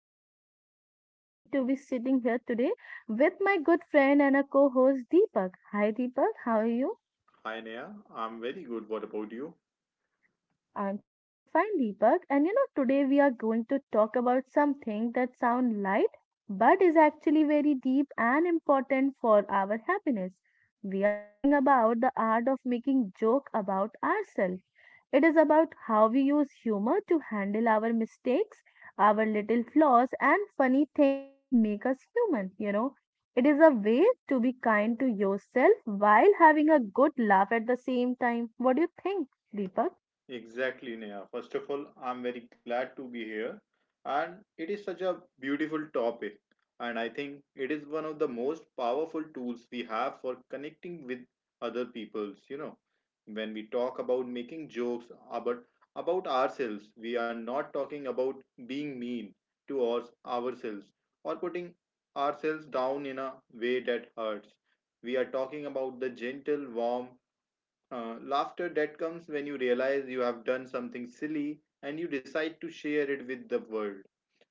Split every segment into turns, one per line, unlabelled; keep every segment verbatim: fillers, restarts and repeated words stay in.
I am so happy to be sitting here today with my good friend and a co-host Deepak. Hi Deepak, how are you?
Hi Neha, I'm very good. What about you?
I'm totally fine, Deepak. And you know, today we are going to talk about something that sounds light but is actually very deep and important for our happiness. We are talking about the art of making joke about ourselves. It is about how we use humor to handle our mistakes, our little flaws, and funny things that make us human. You know, it is a way to be kind to yourself while having a good laugh at the same time. What do you think, Deepak?
Exactly, Neha. First of all, I'm very glad to be here. And it is such a beautiful topic. And I think it is one of the most powerful tools we have for connecting with other peoples. You know, when we talk about making jokes about, about ourselves, we are not talking about being mean to ours, ourselves or putting ourselves down in a way that hurts. We are talking about the gentle, warm, Uh, laughter that comes when you realize you have done something silly and you decide to share it with the world.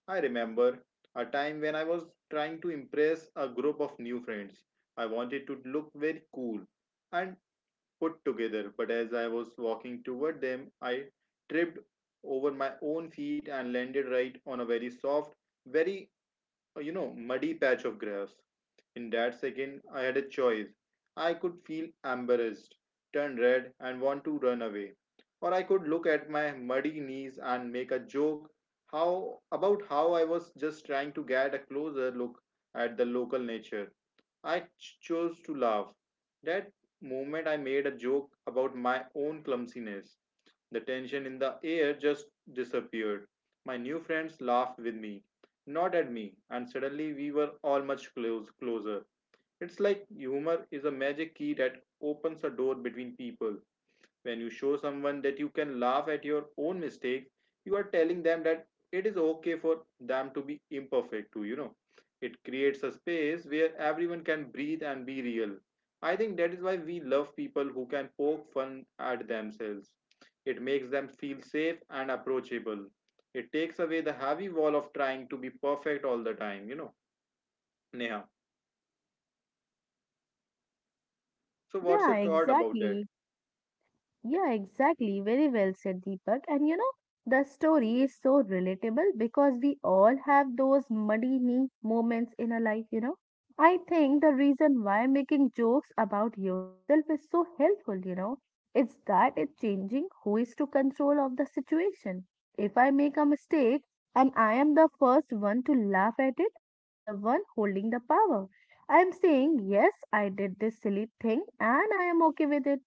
I remember a time when I was trying to impress a group of new friends. I wanted to look very cool and put together, but as I was walking toward them, I tripped over my own feet and landed right on a very soft, very, uh, you know, muddy patch of grass. In that second, I had a choice. I could feel embarrassed, turn red, and want to run away. Or I could look at my muddy knees and make a joke how about how I was just trying to get a closer look at the local nature. I ch- chose to laugh. That moment I made a joke about my own clumsiness. The tension in the air just disappeared. My new friends laughed with me, not at me, and suddenly we were all much close, closer. It's like humor is a magic key that opens a door between people. When you show someone that you can laugh at your own mistakes, you are telling them that it is okay for them to be imperfect too, you know. It creates a space where everyone can breathe and be real. I think that is why we love people who can poke fun at themselves. It makes them feel safe and approachable. It takes away the heavy wall of trying to be perfect all the time, you know. Neha. So what's
Yeah,
your thought about that?
exactly. Yeah, exactly. Very well said, Deepak. And you know, the story is so relatable because we all have those muddy knee moments in our life, you know. I think the reason why making jokes about yourself is so helpful, you know, it's that it's changing who is to control of the situation. If I make a mistake and I am the first one to laugh at it, I am the one holding the power. I am saying, yes, I did this silly thing and I am okay with it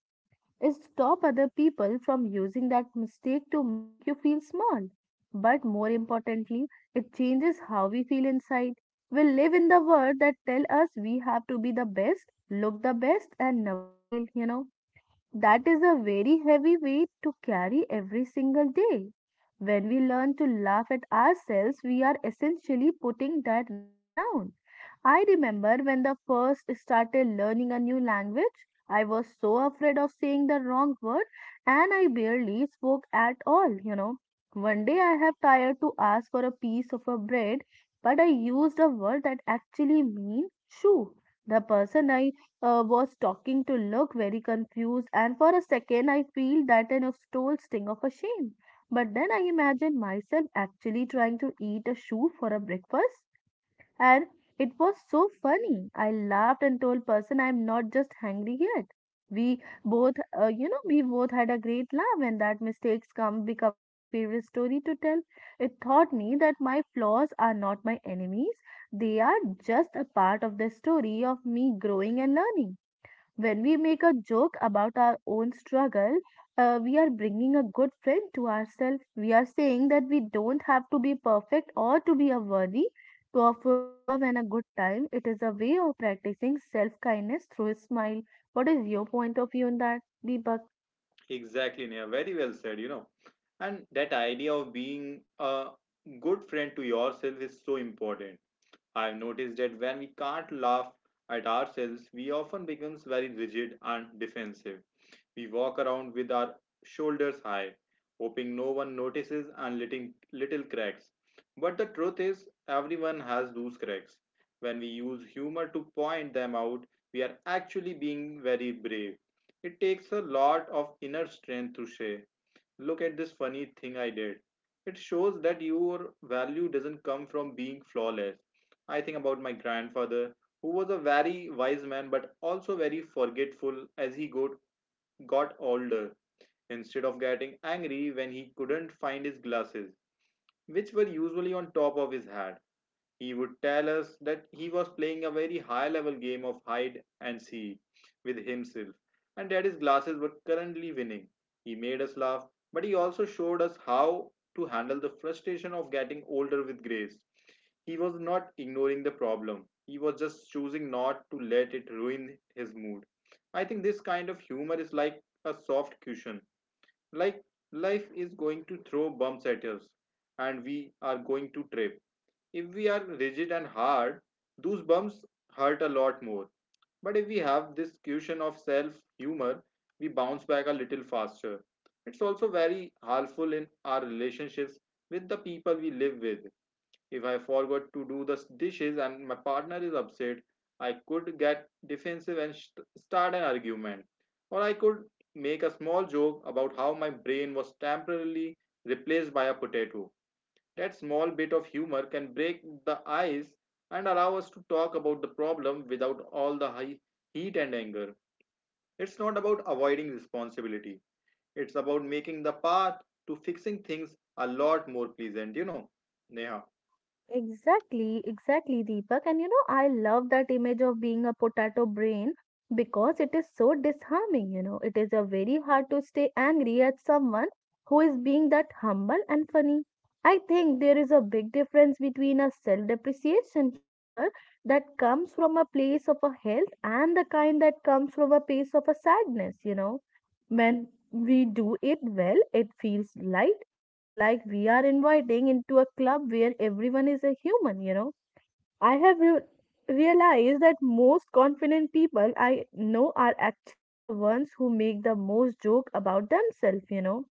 is stop other people from using that mistake to make you feel small. But more importantly, it changes how we feel inside. We live in the world that tell us we have to be the best, look the best and never fail, you know. That is a very heavy weight to carry every single day. When we learn to laugh at ourselves, we are essentially putting that weight down. I remember when the first started learning a new language, I was so afraid of saying the wrong word and I barely spoke at all, you know. One day I have tried to ask for a piece of a bread, but I used a word that actually means shoe. The person I uh, was talking to looked very confused, and for a second I feel that an stole sting of a shame. But then I imagine myself actually trying to eat a shoe for a breakfast and it was so funny. I laughed and told person I'm not just hungry yet. We both, uh, you know, we both had a great laugh, and that mistakes come becomes my favorite story to tell. It taught me that my flaws are not my enemies; they are just a part of the story of me growing and learning. When we make a joke about our own struggle, uh, we are bringing a good friend to ourselves. We are saying that we don't have to be perfect or to be a worthy of uh, love and a good time. It is a way of practicing self kindness through a smile. What is your point of view on that, Deepak?
Exactly, Neha. Very well said, you know. And that idea of being a good friend to yourself is so important. I've noticed that when we can't laugh at ourselves, we often become very rigid and defensive. We walk around with our shoulders high, hoping no one notices and letting little cracks. But the truth is, everyone has those cracks. When we use humor to point them out, we are actually being very brave. It takes a lot of inner strength to say, look at this funny thing I did. It shows that your value doesn't come from being flawless. I think about my grandfather, who was a very wise man but also very forgetful as he got, got older. Instead of getting angry when he couldn't find his glasses, which were usually on top of his head. He would tell us that he was playing a very high level game of hide and seek with himself and that his glasses were currently winning. He made us laugh, but he also showed us how to handle the frustration of getting older with grace. He was not ignoring the problem, he was just choosing not to let it ruin his mood. I think this kind of humor is like a soft cushion. Like life is going to throw bumps at us and we are going to trip if we are rigid and hard, those bumps hurt a lot more. But if we have this cushion of self humor, we bounce back a little faster. It's also very helpful in our relationships with the people we live with. If I forgot to do the dishes and my partner is upset, I could get defensive and start an argument. Or I could make a small joke about how my brain was temporarily replaced by a potato. That small bit of humor can break the ice and allow us to talk about the problem without all the high heat and anger. It's not about avoiding responsibility, it's about making the path to fixing things a lot more pleasant, you know. Neha,
Exactly, exactly, Deepak. And you know, I love that image of being a potato brain because it is so disarming. You know, it is a very hard to stay angry at someone who is being that humble and funny. I think there is a big difference between a self-depreciation humor that comes from a place of a health and the kind that comes from a place of a sadness, you know, when we do it well, it feels light. It is like we are inviting into a club where everyone is a human, you know. I have re- realized that most confident people I know are actually the ones who make the most joke about themselves, you know.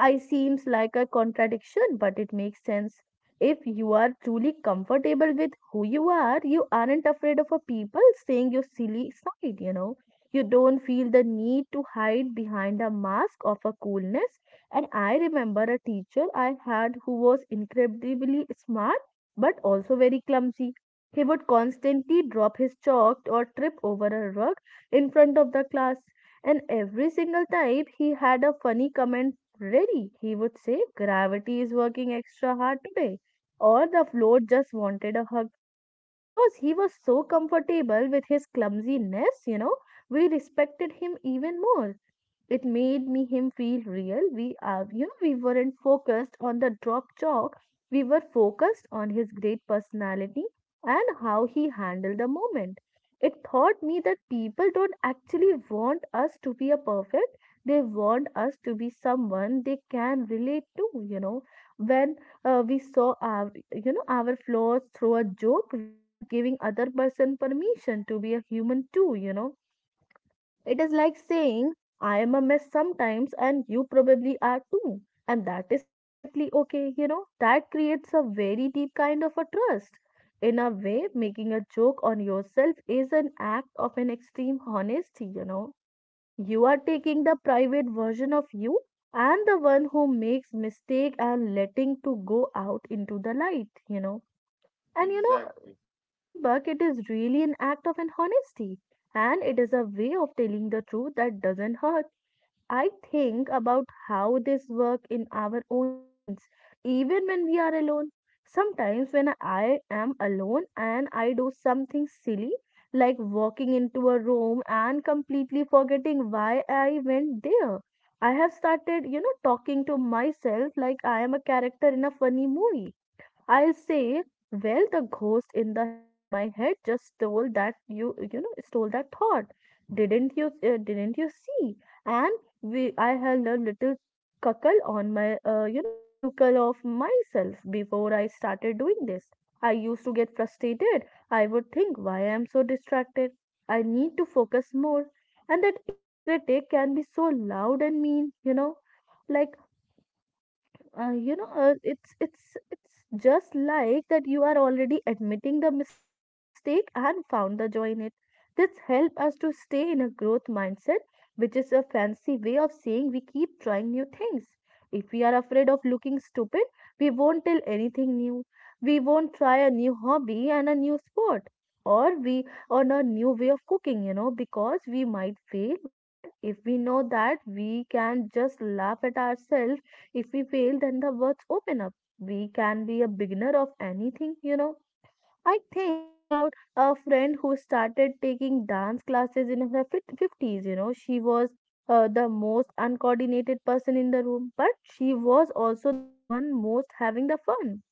I seems like a contradiction, but it makes sense. If you are truly comfortable with who you are, you aren't afraid of a people saying your silly side, you know. You don't feel the need to hide behind a mask of a coolness. And I remember a teacher I had who was incredibly smart but also very clumsy. He would constantly drop his chalk or trip over a rug in front of the class, and every single time he had a funny comment. Really, he would say, gravity is working extra hard today, or the float just wanted a hug. Because he was so comfortable with his clumsiness, you know, we respected him even more. It made me him feel real. We are, you know, we weren't focused on the drop chalk. We were focused on his great personality and how he handled the moment. It taught me that people don't actually want us to be a perfect. They want us to be someone they can relate to, you know. When uh, we saw our, you know, our flaws through a joke, we are giving other person permission to be a human too, you know, it is like saying, I am a mess sometimes, and you probably are too. And that is perfectly okay, you know. That creates a very deep kind of a trust. In a way, making a joke on yourself is an act of an extreme honesty, you know. You are taking the private version of you and the one who makes mistake and letting to go out into the light, you know, and you
exactly.
know, Deepak, it is really an act of an honesty. And it is a way of telling the truth that doesn't hurt. I think about how this work in our own minds, even when we are alone. Sometimes when I am alone and I do something silly, like walking into a room and completely forgetting why I went there. I have started, you know, talking to myself like I am a character in a funny movie. I'll say, well, the ghost in the in my head just stole that you you know stole that thought. Didn't you, uh, didn't you see? And we I held a little cuckle on my, uh, you know, cuckle of myself. Before I started doing this, I used to get frustrated. I would think why I'm so distracted. I need to focus more. And that inner critic can be so loud and mean, you know. Like, uh, you know, uh, it's it's it's just like that you are already admitting the mistake and found the joy in it. This help us to stay in a growth mindset, which is a fancy way of saying we keep trying new things. If we are afraid of looking stupid, we won't tell anything new, we won't try a new hobby and a new sport, or we on a new way of cooking, you know, because we might fail. But if we know that we can just laugh at ourselves if we fail, then the words open up. We can be a beginner of anything, you know. I think about a friend who started taking dance classes in her fif- fifties, you know. She was uh, the most uncoordinated person in the room, but she was also the one most having the fun.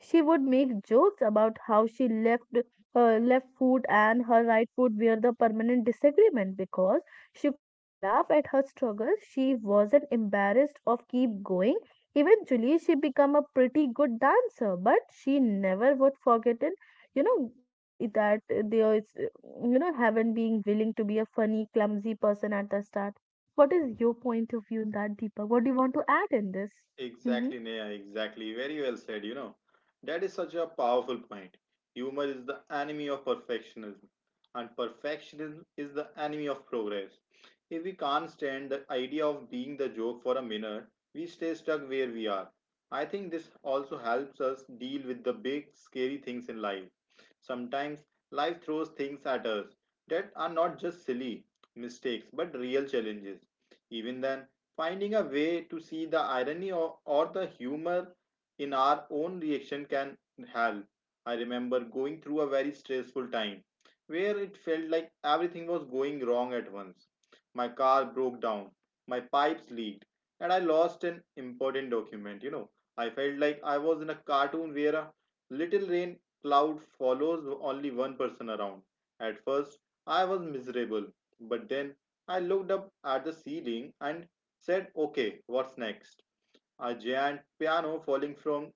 She would make jokes about how she left her left foot and her right foot were the permanent disagreement. Because she could laugh at her struggles, she wasn't embarrassed of keep going. Eventually, she became a pretty good dancer, but she never would forget it. You know, that that there is, you know, haven't been willing to be a funny, clumsy person at the start. What is your point of view in that, Deepa? What do you want to add in this? Mm-hmm.
Exactly, Neha, exactly. Very well said, you know. That is such a powerful point. Humor is the enemy of perfectionism, and perfectionism is the enemy of progress. If we can't stand the idea of being the joke for a minute, we stay stuck where we are. I think this also helps us deal with the big, scary things in life. Sometimes life throws things at us that are not just silly mistakes but real challenges. Even then, finding a way to see the irony or, or the humor in our own reaction can help. I remember going through a very stressful time where it felt like everything was going wrong at once. My car broke down, my pipes leaked, and I lost an important document. You know, I felt like I was in a cartoon where a little rain cloud follows only one person around. At first, I was miserable, but then I looked up at the ceiling and said, okay, what's next? A giant piano falling from,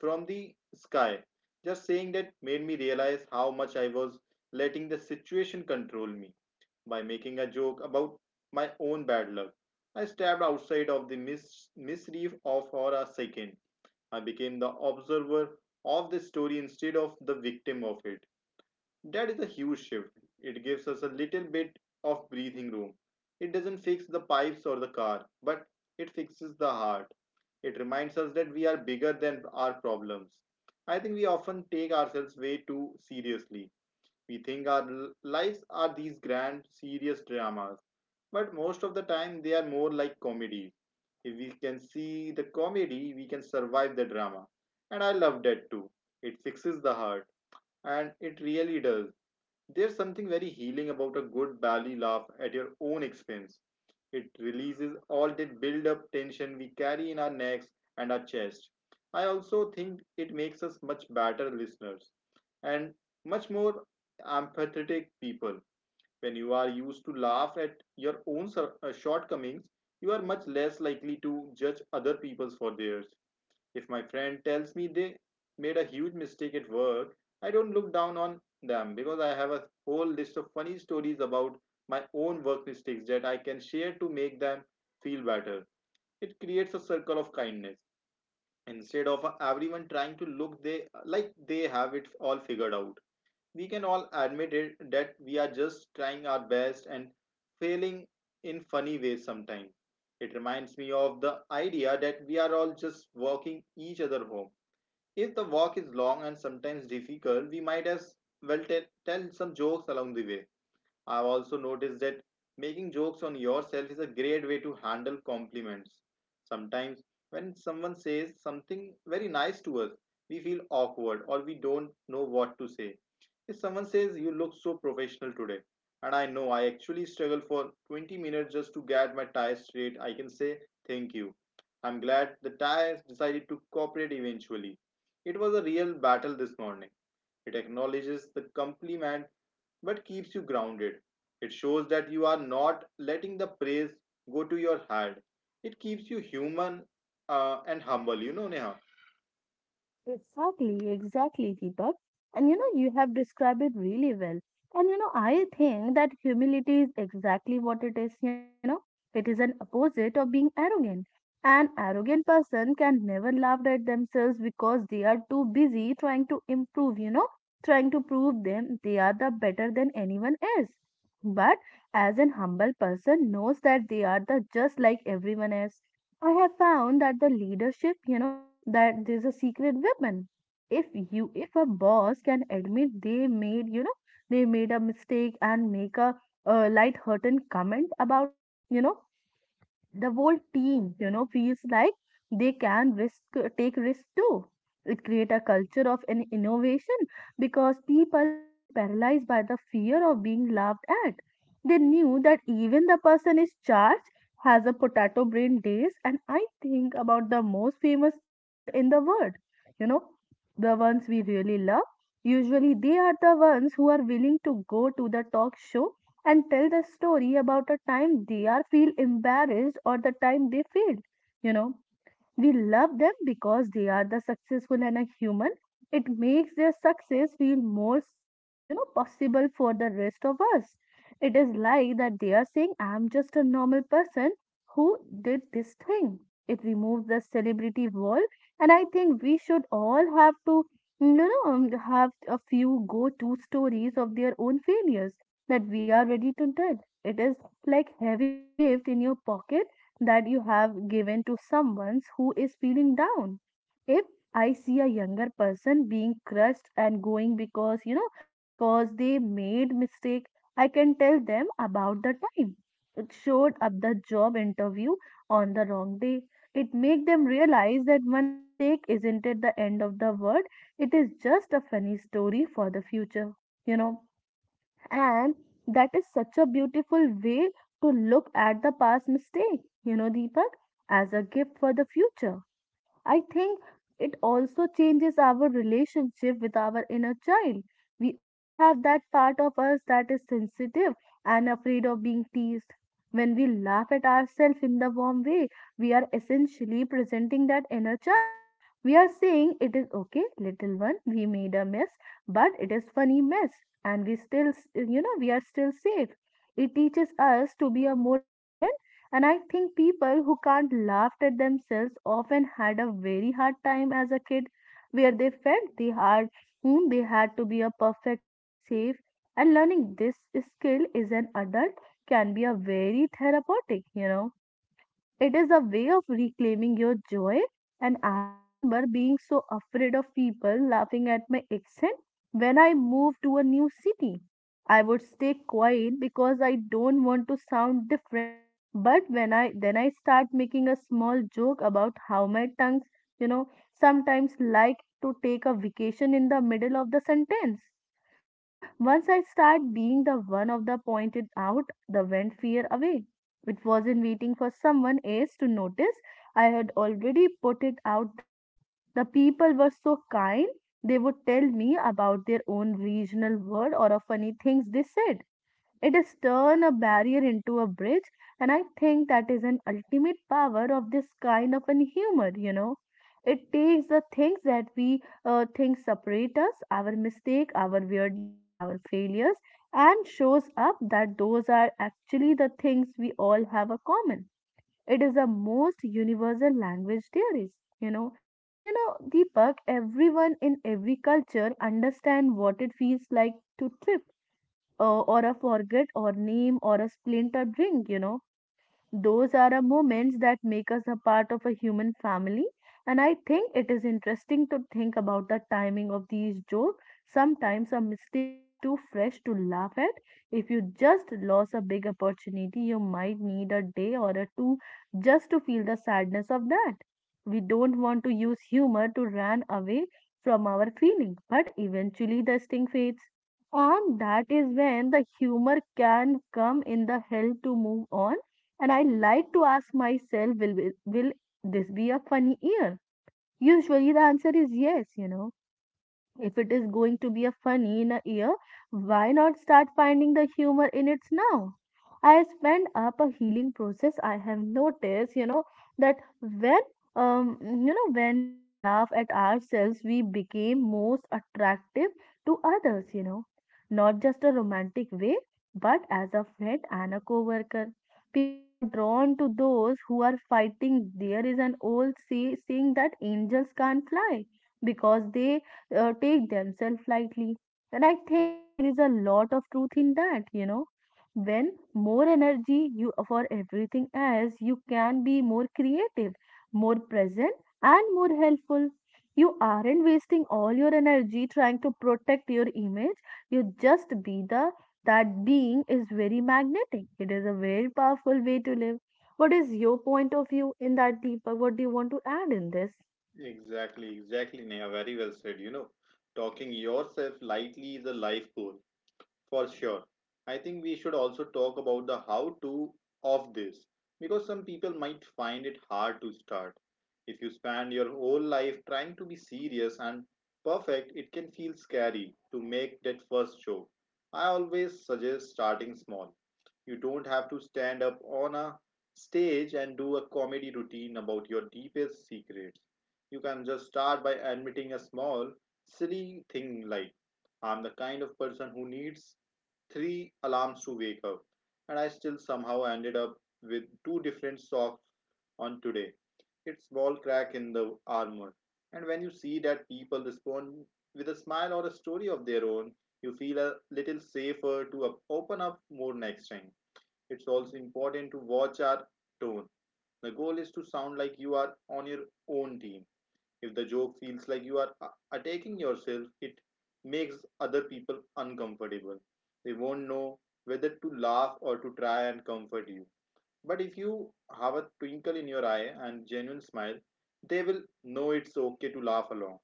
from the sky. Just saying that made me realize how much I was letting the situation control me. By making a joke about my own bad luck, I stepped outside of the mis- mischief of for a second. I became the observer of the story instead of the victim of it. That is a huge shift. It gives us a little bit of breathing room. It doesn't fix the pipes or the car, but it fixes the heart. It reminds us that we are bigger than our problems. I think we often take ourselves way too seriously. We think our lives are these grand, serious dramas, but most of the time they are more like comedies. If we can see the comedy, we can survive the drama. And I love that too. It fixes the heart, and it really does. There's something very healing about a good belly laugh at your own expense. It releases all that build up tension we carry in our necks and our chest. I also think it makes us much better listeners and much more empathetic people. When you are used to laugh at your own sur- uh, shortcomings, you are much less likely to judge other people's for theirs. If my friend tells me they made a huge mistake at work, I don't look down on them because I have a whole list of funny stories about my own work mistakes that I can share to make them feel better. It creates a circle of kindness. Instead of everyone trying to look they like they have it all figured out, we can all admit it that we are just trying our best and failing in funny ways sometimes. It reminds me of the idea that we are all just walking each other home. If the walk is long and sometimes difficult, we might as well tell some jokes along the way. I've also noticed that making jokes on yourself is a great way to handle compliments. Sometimes, when someone says something very nice to us, we feel awkward or we don't know what to say. If someone says, you look so professional today, and I know I actually struggle for twenty minutes just to get my tie straight, I can say, thank you. I'm glad the tie decided to cooperate eventually. It was a real battle this morning. It acknowledges the compliment but keeps you grounded. It shows that you are not letting the praise go to your head. It keeps you human uh, and humble, you know, Neha.
Exactly, exactly, Deepak. And you know, you have described it really well. And you know, I think that humility is exactly what it is, you know, it is an opposite of being arrogant. An arrogant person can never laugh at themselves because they are too busy trying to improve, you know, trying to prove them they are the better than anyone else. But as an humble person knows that they are the just like everyone else. I have found that the leadership, you know, that there's a secret weapon. If you if a boss can admit they made, you know, they made a mistake and make a, uh light-hearted comment about it, you know, the whole team, you know, feels like they can risk take risks too. It create a culture of an innovation because people aren't paralyzed by the fear of being laughed at. They knew that even the person is charged has a potato brain days. And I think about the most famous people in the world, you know, the ones we really love, usually they are the ones who are willing to go to the talk show and tell the story about a time they are feel embarrassed or the time they failed, you know, we love them because they are the successful and a human. It makes their success feel more, uh, you know, possible for the rest of us. It is like that they are saying, I'm just a normal person who did this thing. It removes the celebrity wall, and I think we should all have to, you know, um, have a few go-to stories of their own failures that we are ready to tell. It is like having a gift in your pocket that you have given to someone who is feeling down. If I see a younger person being crushed and going because, you know, because they made mistake, I can tell them about the time. It showed up the job interview on the wrong day. It make them realize that one mistake isn't at the end of the world. It is just a funny story for the future, you know and that is such a beautiful way to look at the past mistake, you know, Deepak, as a gift for the future. I think it also changes our relationship with our inner child. We all have that part of us that is sensitive and afraid of being teased. When we laugh at ourselves in the warm way, we are essentially presenting that inner child. We are saying, It is okay, little one, we made a mess, but it is funny mess, and we still, s- you know, we are still safe. It teaches us to be a more resilient. And I think people who can't laugh at themselves often had a very hard time as a kid where they felt they had whom they had to be a perfect to be safe. And learning this skill as an adult can be a very therapeutic, you know. It is a way of reclaiming your joy. And I remember being so afraid of people laughing at my accent when I moved to a new city. I would stay quiet because I don't want to sound different. But when I then I start making a small joke about how my tongues, you know, sometimes like to take a vacation in the middle of the sentence. You know, once I start being the one of the pointed out the went fear away, it wasn't waiting for someone else to notice. I had already put it out there. The people were so kind, they would tell me about their own regional word or of funny things they said. It is turn a barrier into a bridge, and I think that is an ultimate power of this kind of an humor, you know. It takes the things that we uh, think separate us, our mistake, our weirdness, our failures, and shows up that those are actually the things we all have a common. It is the most universal language theories, you know. And you know, Deepak, everyone in every culture understand what it feels like to trip uh, or a forget or name or a splinter drink you know Those are a moments that make us a part of a human family, and I think it is interesting to think about the timing of these jokes. Sometimes a mistake is too fresh to laugh at. If you just lost a big opportunity, you might need a day or a two just to feel the sadness of that. We don't want to use humor to run away from our feelings, but eventually the sting fades. And that is when the humor can come in the help to move on. And I like to ask myself, will, will, will this be a funny year? Usually the answer is yes, you know. If it is going to be a funny in a year, why not start finding the humor in it now? I spend up a healing process. I have noticed, you know, that when um you know when we laugh at ourselves, we became most attractive to others, you know, not just a romantic way, but as a friend and a coworker. People are drawn to those who are fighting. There is an old say, saying that angels can't fly because they uh, take themselves lightly. And I think there is a lot of truth in that, you know. When more energy you for everything else, you can be more creative, more present, and more helpful. You aren't wasting all your energy trying to protect your image. You just be the that being is very magnetic. It is a very powerful way to live. What is your point of view in that, Deepak? What do you want to add in this?
Exactly, exactly, Neha. Very well said. You know, talking yourself lightly is a life goal. For sure. I think we should also talk about the how to of this because some people might find it hard to start. If you spend your whole life trying to be serious and perfect, it can feel scary to make that first show. I always suggest starting small. You don't have to stand up on a stage and do a comedy routine about your deepest secrets. You can just start by admitting a small, silly thing like, I'm the kind of person who needs three alarms to wake up, and I still somehow ended up with two different socks on today. It's small crack in the armor. And when you see that people respond with a smile or a story of their own, you feel a little safer to open up more next time. It's also important to watch our tone. The goal is to sound like you are on your own team. If the joke feels like you are uh, attacking yourself, it makes other people uncomfortable. They won't know whether to laugh or to try and comfort you. But if you have a twinkle in your eye and genuine smile, they will know it's okay to laugh along.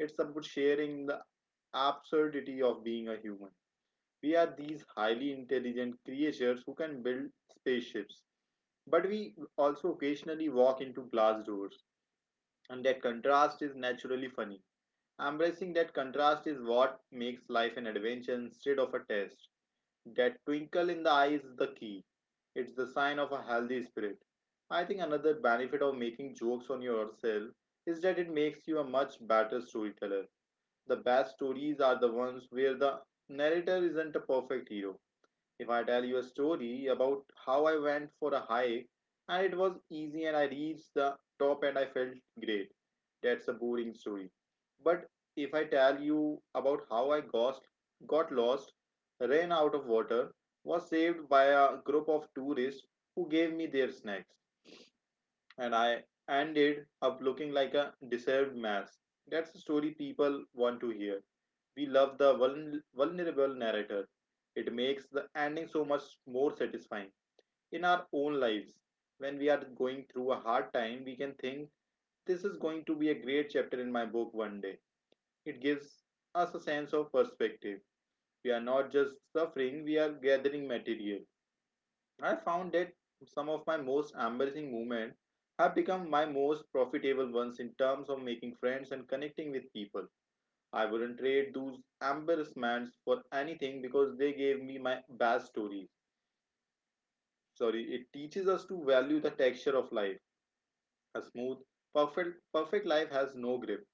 It's about sharing the absurdity of being a human. We are these highly intelligent creatures who can build spaceships, but we also occasionally walk into glass doors, and that contrast is naturally funny. Embracing that contrast is what makes life an adventure instead of a test. That twinkle in the eye is the key. It's the sign of a healthy spirit. I think another benefit of making jokes on yourself is that it makes you a much better storyteller. The best stories are the ones where the narrator isn't a perfect hero. If I tell you a story about how I went for a hike and it was easy and I reached the top and I felt great, that's a boring story. But if I tell you about how I got, got lost, ran out of water, was saved by a group of tourists who gave me their snacks, and I ended up looking like a deserved mess. That's the story people want to hear. We love the vuln- vulnerable narrator. It makes the ending so much more satisfying. In our own lives, when we are going through a hard time, we can think, this is going to be a great chapter in my book one day. It gives us a sense of perspective. We are not just suffering, we are gathering material. I found that some of my most embarrassing moments have become my most profitable ones in terms of making friends and connecting with people. I wouldn't trade those embarrassments for anything because they gave me my best stories. Sorry, it teaches us to value the texture of life. A smooth, perfect, perfect life has no grip.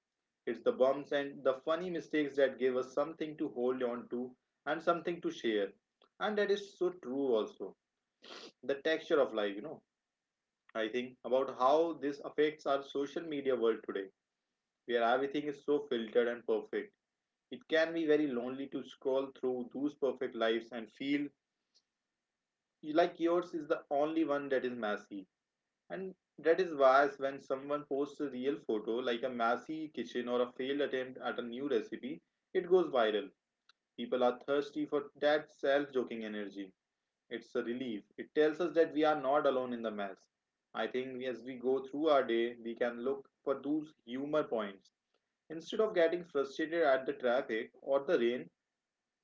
It's the bumps and the funny mistakes that give us something to hold on to and something to share. And that is so true also. The texture of life, you know I think, about how this affects our social media world today, where everything is so filtered and perfect. It can be very lonely to scroll through those perfect lives and feel like yours is the only one that is messy. And that is why when someone posts a real photo, like a messy kitchen or a failed attempt at a new recipe, it goes viral. People are thirsty for that self joking energy. It's a relief. It tells us that we are not alone in the mess. I think as we go through our day, we can look for those humor points. Instead of getting frustrated at the traffic or the rain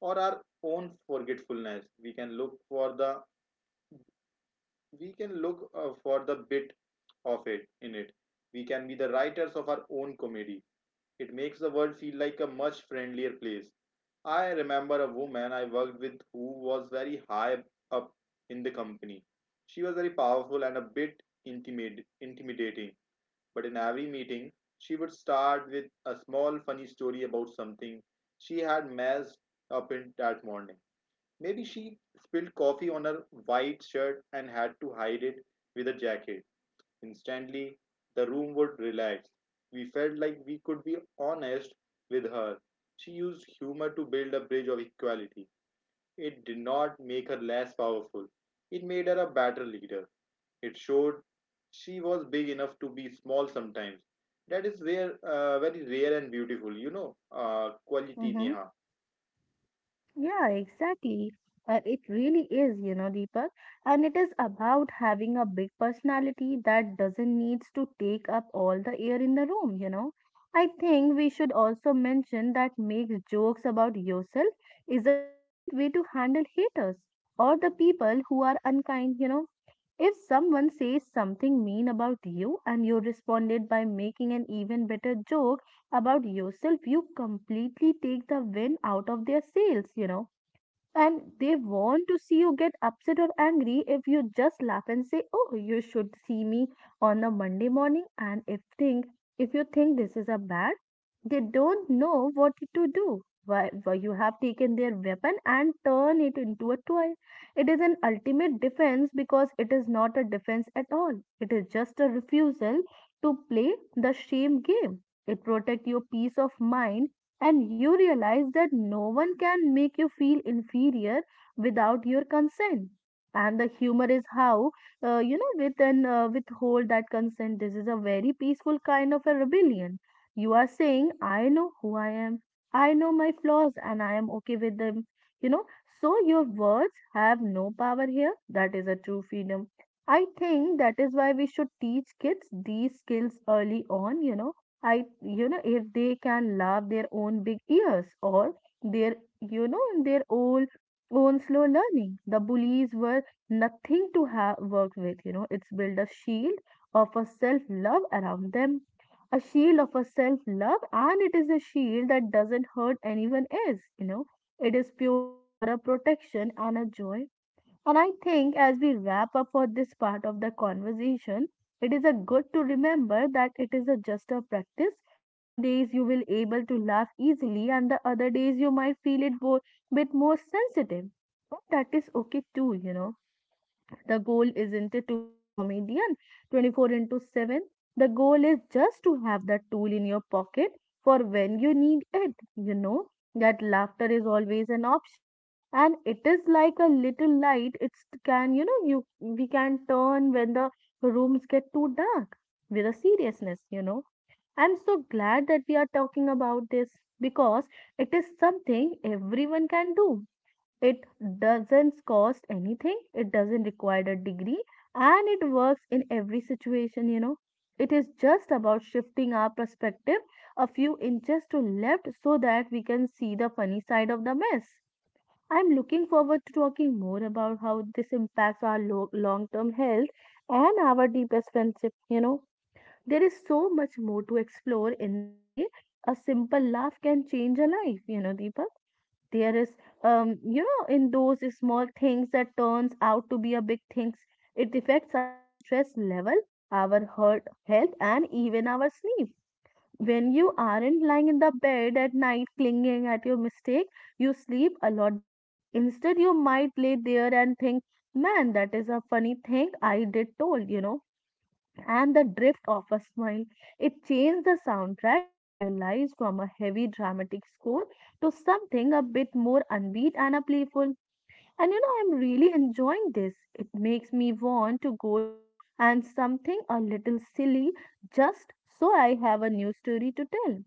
or our own forgetfulness, we can look for the we can look uh, for the bit of it in it. We can be the writers of our own comedy. It makes the world feel like a much friendlier place. I remember a woman I worked with who was very high up in the company. She was very powerful and a bit intimid- intimidating, but in every meeting, she would start with a small funny story about something she had messed up in that morning. Maybe she spilled coffee on her white shirt and had to hide it with a jacket. Instantly, the room would relax. We felt like we could be honest with her. She used humor to build a bridge of equality. It did not make her less powerful, it made her a better leader. It showed she was big enough to be small sometimes. That is where, uh, very rare and beautiful, you know, uh, quality,
Mm-hmm.
Neha.
Yeah, exactly. Uh, it really is, you know, Deepak. And it is about having a big personality that doesn't needs to take up all the air in the room, you know. I think we should also mention that makes jokes about yourself is a great way to handle haters or the people who are unkind, you know. If someone says something mean about you and you responded by making an even better joke about yourself, you completely take the wind out of their sails, you know, and they want to see you get upset or angry if you just laugh and say, Oh, you should see me on a Monday morning. And if think if you think this is a bad, they don't know what to do. Why, why you have taken their weapon and turn it into a toy. It is an ultimate defense because it is not a defense at all. It is just a refusal to play the shame game. It protects your peace of mind, and you realize that no one can make you feel inferior without your consent, and the humor is how uh, you know with an uh, withhold that consent. This is a very peaceful kind of a rebellion. You are saying, I know who I am, I know my flaws and I am okay with them, you know, so your words have no power here. That is a true freedom. I think that is why we should teach kids these skills early on, you know. I, you know, if they can love their own big ears or their, you know, their own own slow learning. The bullies were nothing to have work with. You know, it's built a shield of a self love around them, a shield of a self love, and it is a shield that doesn't hurt anyone else. You know, it is purely for a protection and a joy. And I think as we wrap up for this part of the conversation, it is a good to remember that it is a just a practice. Some days you will able to laugh easily and the other days you might feel it bo- bit more sensitive. But that is okay too, you know. The goal isn't it to be a comedian twenty-four into seven. The goal is just to have that tool in your pocket for when you need it. You know that laughter is always an option, and it is like a little light. It's can, you know, you we can turn when the rooms get too dark with a seriousness, you know. I'm so glad that we are talking about this because it is something everyone can do. It doesn't cost anything, it doesn't require a degree, and it works in every situation, you know. It is just about shifting our perspective a few inches to left so that we can see the funny side of the mess. I'm looking forward to talking more about how this impacts our lo- long-term health and our deepest friendship, you know. There is so much more to explore in the way a simple laugh can change a life, you know, Deepa, there is um, you know, in those small things that turns out to be a big things. It affects our stress level, our heart health and even our sleep. When you aren't lying in the bed at night clinging at your mistake, you sleep a lot better. Instead you might lay there and think, man, that is a funny thing I did told, you know, and the drift of a smile. It changed the soundtrack of your lives from a heavy dramatic score to something a bit more upbeat and a playful. And you know, I'm really enjoying this. It makes me want to go to and something a little silly just so I have a new story to tell.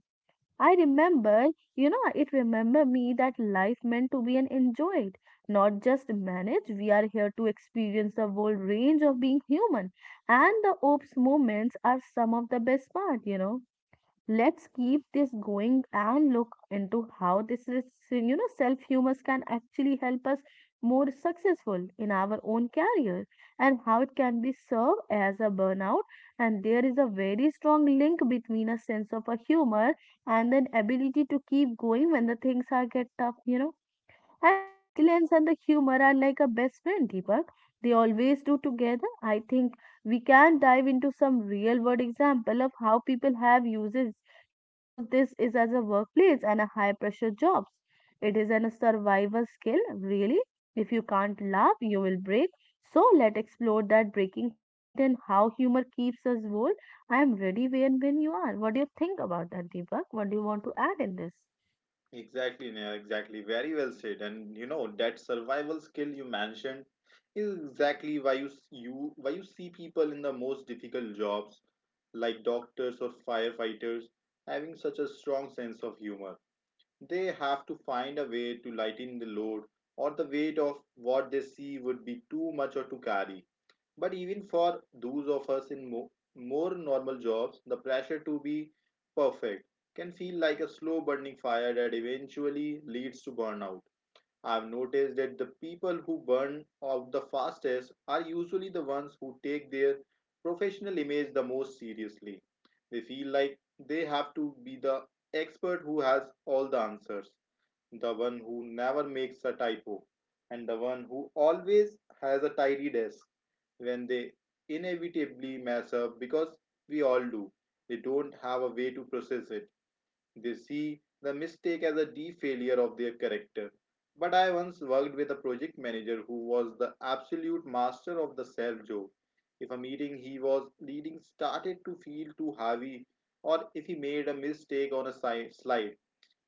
I remember, you know, it Remember me that life meant to be an enjoyed, not just managed. We are here to experience the whole range of being human, and the oops moments are some of the best part, you know. Let's keep this going and look into how this is, you know, self humors can actually help us more successful in our own career and how it can be served as a burnout. And there is a very strong link between a sense of a humor and an ability to keep going when the things are get tough, you know. And resilience and the humor are like a best friend, Deepak. They always do together. I think we can dive into some real world example of how people have uses, you know, use this is as a workplace and a high pressure jobs. It is an, a survival skill, really. If you can't laugh, you will break. So let explore that breaking point and how humor keeps us whole. I am ready when when you are. What do you think about that, Deepak? What do you want to add in this?
Exactly, Neha, exactly. Very well said. And you know that survival skill you mentioned is exactly why you s- you why you see people in the most difficult jobs like doctors or firefighters having such a strong sense of humor. They have to find a way to lighten the load or the weight of what they see would be too much or to carry. But even for those of us in mo- more normal jobs, the pressure to be perfect can feel like a slow burning fire that eventually leads to burnout. I've noticed that the people who burn out the fastest are usually the ones who take their professional image the most seriously. They feel like they have to be the expert who has all the answers, the one who never makes a typo, and the one who always has a tidy desk. When they inevitably mess up, because we all do, they don't have a way to process it. They see the mistake as a deep failure of their character. But I once worked with a project manager who was the absolute master of the self joke. If a meeting he was leading started to feel too heavy, or if he made a mistake on a si- slide,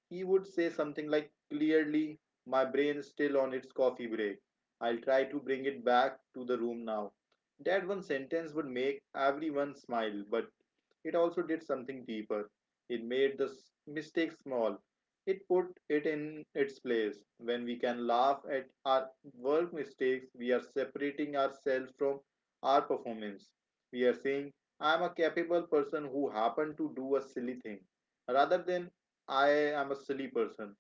he would say something like, "Clearly, my brain is still on its coffee break. I'll try to bring it back to the room now." That one sentence would make everyone smile, but it also did something deeper. It made the mistake small. It put it in its place. When we can laugh at our work mistakes, we are separating ourselves from our performance. We are saying, "I am a capable person who happened to do a silly thing," rather than "I am a silly person."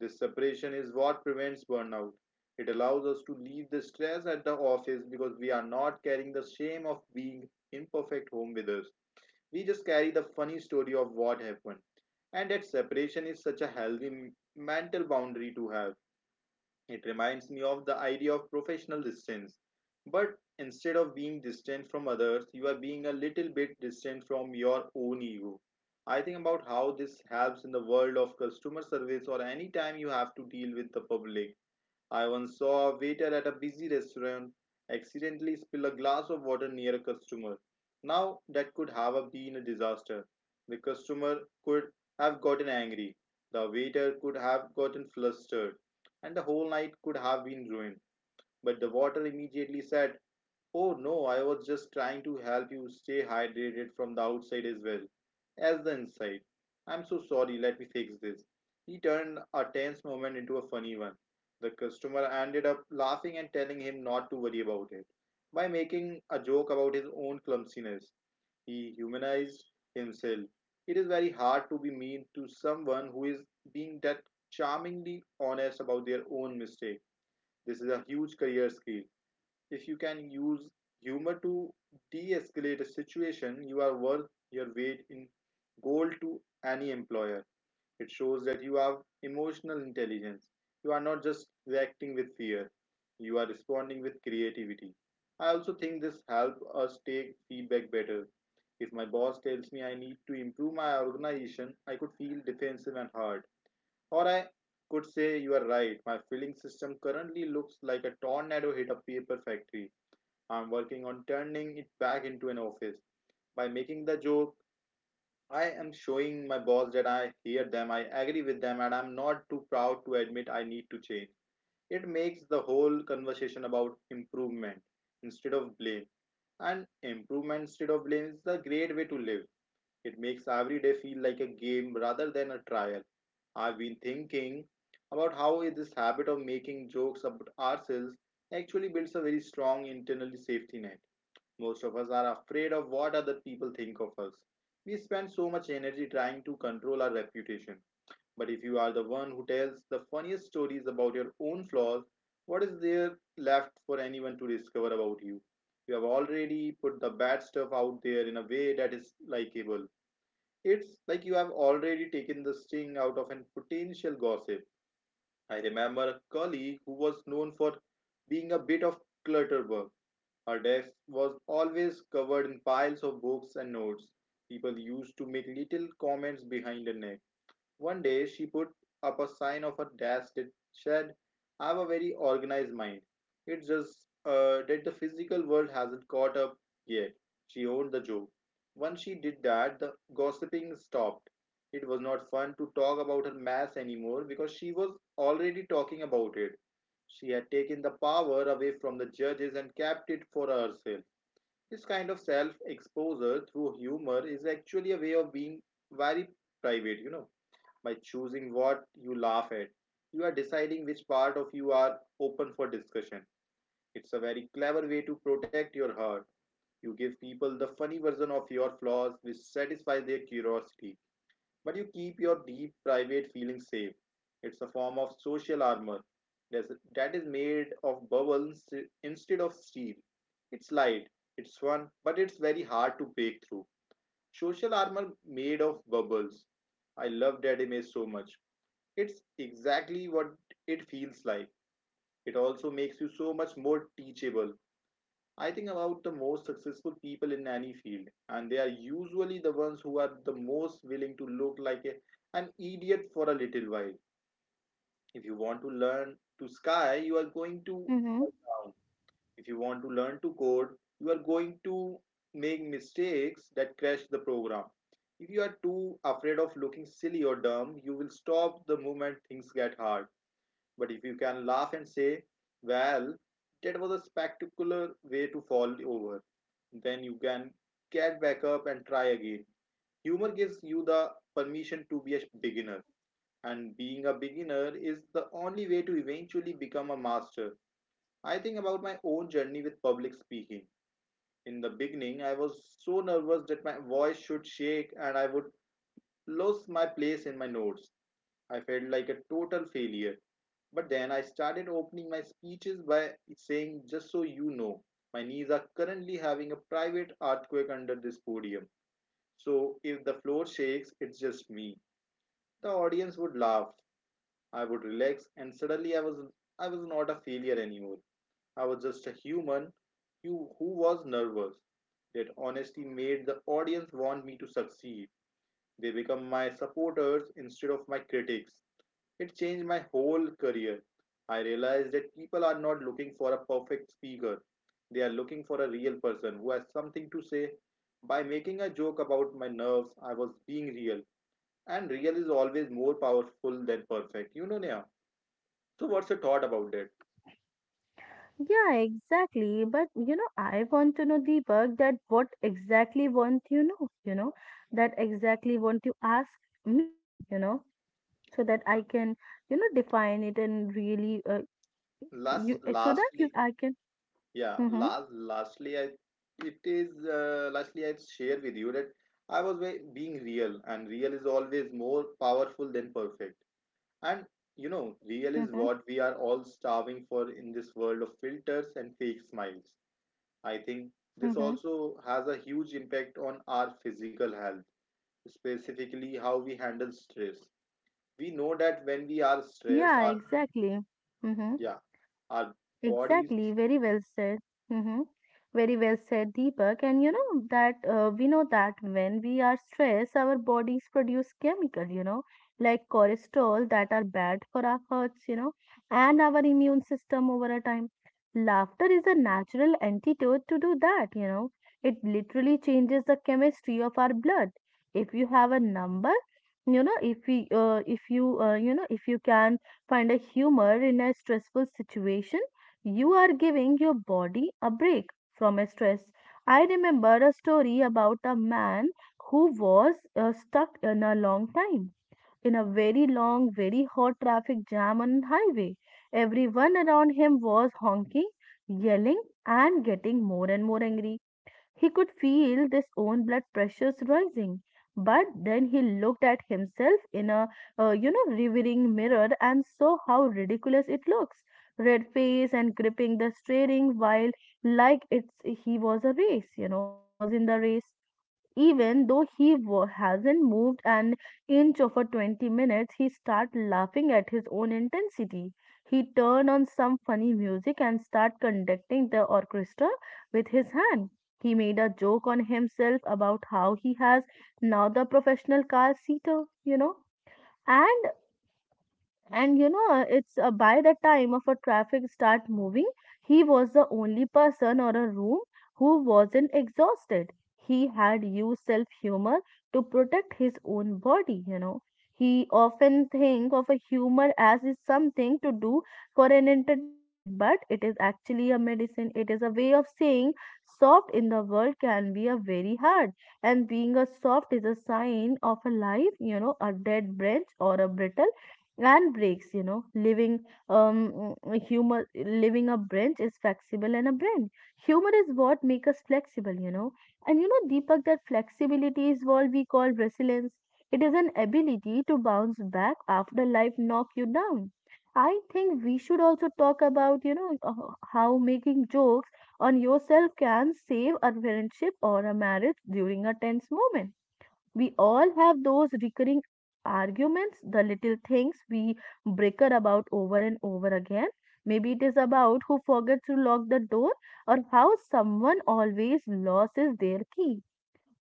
This separation is what prevents burnout. It allows us to leave the stress at the office because we are not carrying the shame of being imperfect home with us. We just carry the funny story of what happened. And that separation is such a healthy mental boundary to have. It reminds me of the idea of professional distance. But instead of being distant from others, you are being a little bit distant from your own ego. I think about how this helps in the world of customer service or any time you have to deal with the public. I once saw a waiter at a busy restaurant accidentally spill a glass of water near a customer. Now, that could have been a disaster. The customer could have gotten angry, the waiter could have gotten flustered, and the whole night could have been ruined. But the waiter immediately said, "Oh no, I was just trying to help you stay hydrated from the outside as well as the inside. I'm so sorry, let me fix this." He turned a tense moment into a funny one. The customer ended up laughing and telling him not to worry about it. By making a joke about his own clumsiness, he humanized himself. It is very hard to be mean to someone who is being that charmingly honest about their own mistake. This is a huge career skill. If you can use humor to de escalate a situation, you are worth your weight in gold to any employer. It shows that you have emotional intelligence. You are not just reacting with fear, you are responding with creativity. I also think this helps us take feedback better. If my boss tells me I need to improve my organization, I could feel defensive and hard. Or I could say, "You are right, my filling system currently looks like a tornado hit a paper factory. I'm working on turning it back into an office." By making the joke, I am showing my boss that I hear them, I agree with them, and I'm not too proud to admit I need to change. It makes the whole conversation about improvement instead of blame. And improvement instead of blame is the great way to live. It makes every day feel like a game rather than a trial. I've been thinking about how this habit of making jokes about ourselves actually builds a very strong internal safety net. Most of us are afraid of what other people think of us. We spend so much energy trying to control our reputation. But if you are the one who tells the funniest stories about your own flaws, what is there left for anyone to discover about you? You have already put the bad stuff out there in a way that is likable. It's like you have already taken the sting out of a potential gossip. I remember a colleague who was known for being a bit of clutterbug. Her desk was always covered in piles of books and notes. People used to make little comments behind her neck. One day she put up a sign of her desk that said, "I have a very organized mind. It's just uh, that the physical world hasn't caught up yet." She owned the joke. Once she did that, the gossiping stopped. It was not fun to talk about her mass anymore because she was already talking about it. She had taken the power away from the judges and kept it for herself. This kind of self exposure through humor is actually a way of being very private, you know. By choosing what you laugh at, you are deciding which part of you are open for discussion. It's a very clever way to protect your heart. You give people the funny version of your flaws, which satisfies their curiosity. But you keep your deep private feelings safe. It's a form of social armor that's- made of bubbles instead of steel. It's light, it's fun, but it's very hard to break through. Social armor made of bubbles. I love that image so much. It's exactly what it feels like. It also makes you so much more teachable. I think about the most successful people in any field, and they are usually the ones who are the most willing to look like a, an idiot for a little while. If you want to learn to sky, you are going to
Mm-hmm.
fall down. If you want to learn to code, you are going to make mistakes that crash the program. If you are too afraid of looking silly or dumb, you will stop the moment things get hard. But if you can laugh and say, well, that was a spectacular way to fall over, then you can get back up and try again. Humor gives you the permission to be a beginner, and being a beginner is the only way to eventually become a master. I think about my own journey with public speaking. In the beginning, I was so nervous that my voice should shake and I would lose my place in my notes. I felt like a total failure. But then I started opening my speeches by saying, just so you know, my knees are currently having a private earthquake under this podium. So if the floor shakes, it's just me. The audience would laugh. I would relax and suddenly I was I was not a failure anymore. I was just a human who, who was nervous. That honesty made the audience want me to succeed. They become my supporters instead of my critics. It changed my whole career. I realized that people are not looking for a perfect speaker, they are looking for a real person who has something to say. By making a joke about my nerves, I was being real, and real is always more powerful than perfect. You know, Neha. So, what's your thought about that?
Yeah, exactly. But you know, I want to know, Deepak, that what exactly want you know, you know, that exactly want you ask me, you know, so that I can, you know, define it and really, uh,
Last,
you so that you
lastly,
I can.
yeah,
Mm-hmm,
last, lastly, I it is uh, lastly I share with you that I was ve- being real, and real is always more powerful than perfect. And you know, real is
mm-hmm,
what we are all starving for in this world of filters and fake smiles. I think this
mm-hmm.
also has a huge impact on our physical health, specifically how we handle stress. We know that when we are stressed,
Yeah,
our
exactly. Mm-hmm.
yeah, our bodies
Exactly, very well said. Hmm. Very well said, Deepak. And you know that uh, we know that when we are stressed, our bodies produce chemical, you know, like cholesterol that are bad for our hearts, you know, and our immune system over a time. Laughter is a natural antidote to do that, you know. It literally changes the chemistry of our blood. If you have a number, you know, if we, uh, if you, uh, you know, if you can find a humor in a stressful situation, you are giving your body a break from a stress. I remember a story about a man who was uh, stuck in a long time in a very long, very hot traffic jam on highway. Everyone around him was honking, yelling, and getting more and more angry. He could feel his own blood pressures rising. But then he looked at himself in a, uh, you know, revering mirror and saw how ridiculous it looks. Red face and gripping the steering wheel like it's he was a race, you know, he was in the race even though he wa- hasn't moved an inch over twenty minutes. He started laughing at his own intensity. He turned on some funny music and started conducting the orchestra with his hand. He made a joke on himself about how he has now the professional car seater, you know. And and you know, it's uh, by the time of a traffic start moving, he was the only person or a room who wasn't exhausted. He had used self humor to protect his own body, you know. He often think of a humor as is something to do for an entertainment, but it is actually a medicine. It is a way of saying soft in the world can be a very hard. And being a soft is a sign of a life, you know, a dead branch or a brittle and breaks, you know, living um mm, humor living a branch is flexible and a brain. Humor is what make us flexible, you know. And you know, Deepak, that flexibility is what we call resilience. It is an ability to bounce back after life knock you down. I think we should also talk about, you know uh, how making jokes on yourself can save a friendship or a marriage during a tense moment. We all have those recurring arguments, the little things we bicker about over and over again. Maybe it is about who forgets to lock the door or how someone always loses their key.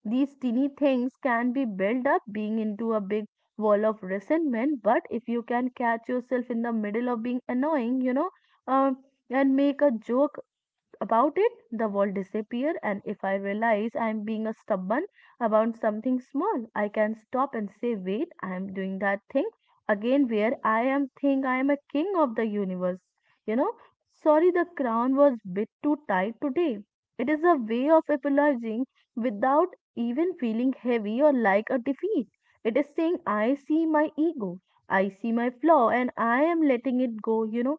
These teeny things can be built up being into a big wall of resentment, but if you can catch yourself in the middle of being annoying, you know, um, and make a joke about it, the world disappear, and if I realize I am being a stubborn about something small, I can stop and say, wait, I am doing that thing again where I am think I am a king of the universe. You know, sorry the crown was bit too tight today. It is a way of apologizing without even feeling heavy or like a defeat. It is saying I see my ego, I see my flaw, and I am letting it go, you know.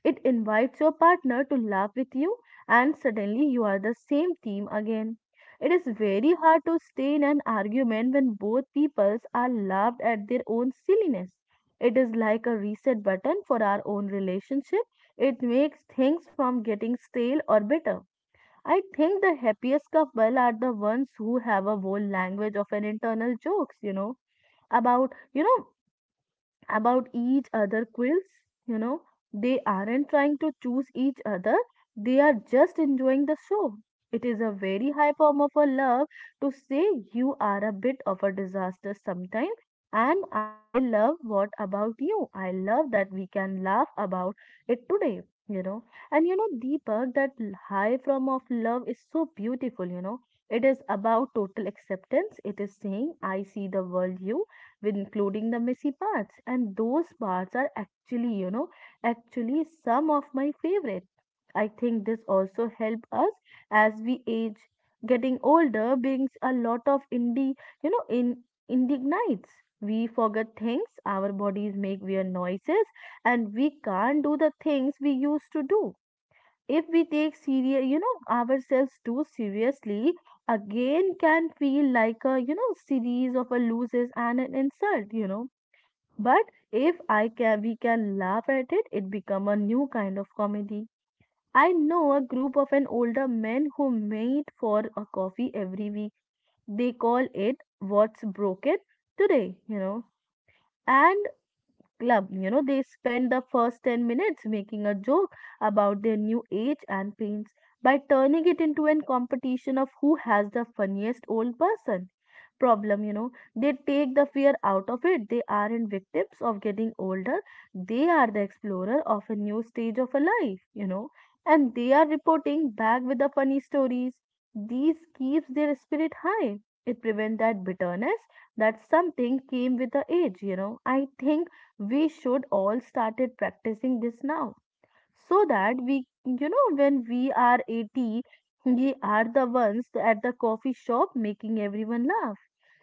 It invites your partner to laugh with you, and suddenly you are the same team again. It is very hard to stay in an argument when both peoples are laughed at their own silliness. It is like a reset button for our own relationship. It makes things from getting stale or bitter. I think the happiest couple are the ones who have a whole language of an internal jokes, you know, about, you know, about each other quills, you know. They aren't trying to choose each other, they are just enjoying the show. It is a very high form of a love to say you are a bit of a disaster sometimes, and I love what about you. I love that we can laugh about it today, you know. And you know, Deepak, that l- high form of love is so beautiful, you know. It is about total acceptance. It is saying I see the world you with including the messy parts, and those parts are actually you know actually some of my favorite. I think this also help us as we age. Getting older brings a lot of indie you know in indignites. We forget things, our bodies make weird noises, and we can't do the things we used to do. If we take serious you know ourselves too seriously, again can feel like a, you know, series of a loses and an insult, you know. But if I can we can laugh at it, it become a new kind of comedy. I know a group of an older men who meet for a coffee every week. They call it what's broken today, you know, and club. You know, they spend the first ten minutes making a joke about their new age and pains by turning it into a competition of who has the funniest old person problem, you know. They take the fear out of it. They aren't victims of getting older, they are the explorer of a new stage of a life, you know. And they are reporting back with the funny stories. These keeps their spirit high. It prevents that bitterness that something came with the age, you know. I think we should all started practicing this now, so that we, you know, when we are eighty, we are the ones at the coffee shop making everyone laugh.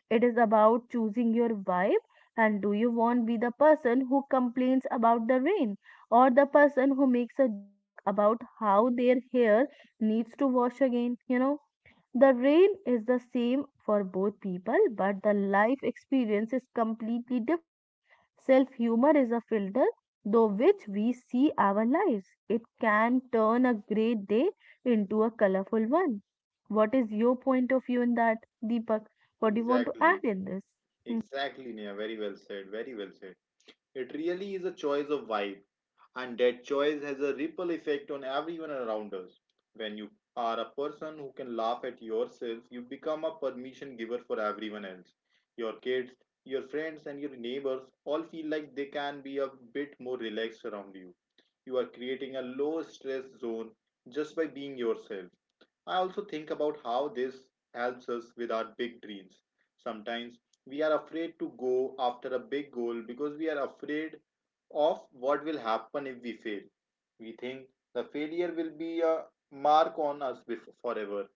It is about choosing your vibe. And do you want be the person who complains about the rain, or the person who makes a joke about how their hair needs to wash again, you know. The rain is the same for both people, but the life experience is completely different. Self humor is a filter through which we see our lives. It can turn a grey day into a colorful one. What is your point of view in that, Deepak? What do you want to add
exactly,
in this?
exactly, Nia, very well said, very well said. It really is a choice of vibe. And that choice has a ripple effect on everyone around us. When you are a person who can laugh at yourself, you become a permission giver for everyone else. Your kids, your friends, and your neighbors all feel like they can be a bit more relaxed around you. You are creating a low stress zone just by being yourself. I also think about how this helps us with our big dreams. Sometimes we are afraid to go after a big goal because we are afraid of what will happen if we fail. We think the failure will be a mark on us bef- forever.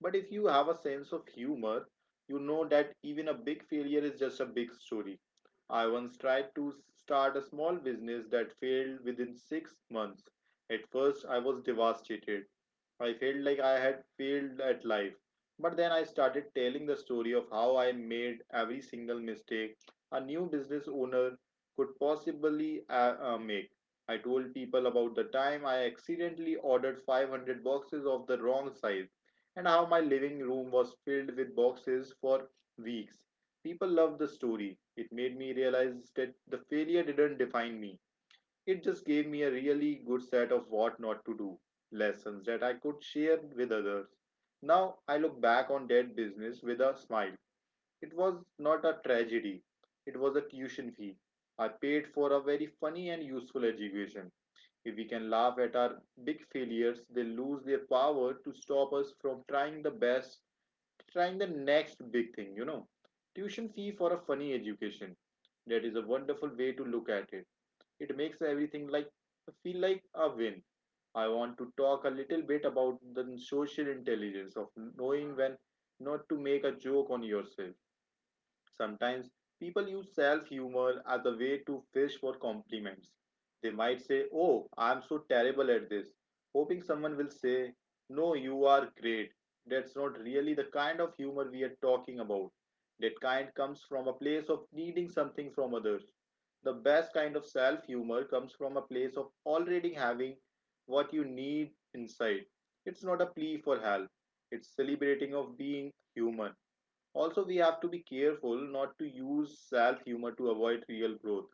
But if you have a sense of humor, you know that even a big failure is just a big story. I once tried to start a small business that failed within six months. At first, I was devastated. I felt like I had failed at life. But then I started telling the story of how I made every single mistake a new business owner could possibly uh, uh, make. I told people about the time I accidentally ordered five hundred boxes of the wrong size and how my living room was filled with boxes for weeks. People loved the story. It made me realize that the failure didn't define me, it just gave me a really good set of what not to do lessons that I could share with others. Now I look back on that business with a smile. It was not a tragedy, it was a tuition fee. I paid for a very funny and useful education. If we can laugh at our big failures, they lose their power to stop us from trying the best, trying the next big thing, you know. Tuition fee for a funny education. That is a wonderful way to look at it. It makes everything like feel like a win. I want to talk a little bit about the social intelligence of knowing when not to make a joke on yourself. Sometimes people use self humor as a way to fish for compliments. They might say, "Oh, I'm so terrible at this," hoping someone will say, "No, you are great." That's not really the kind of humor we are talking about. That kind comes from a place of needing something from others. The best kind of self humor comes from a place of already having what you need inside. It's not a plea for help. It's celebrating of being human. Also, we have to be careful not to use self humor to avoid real growth.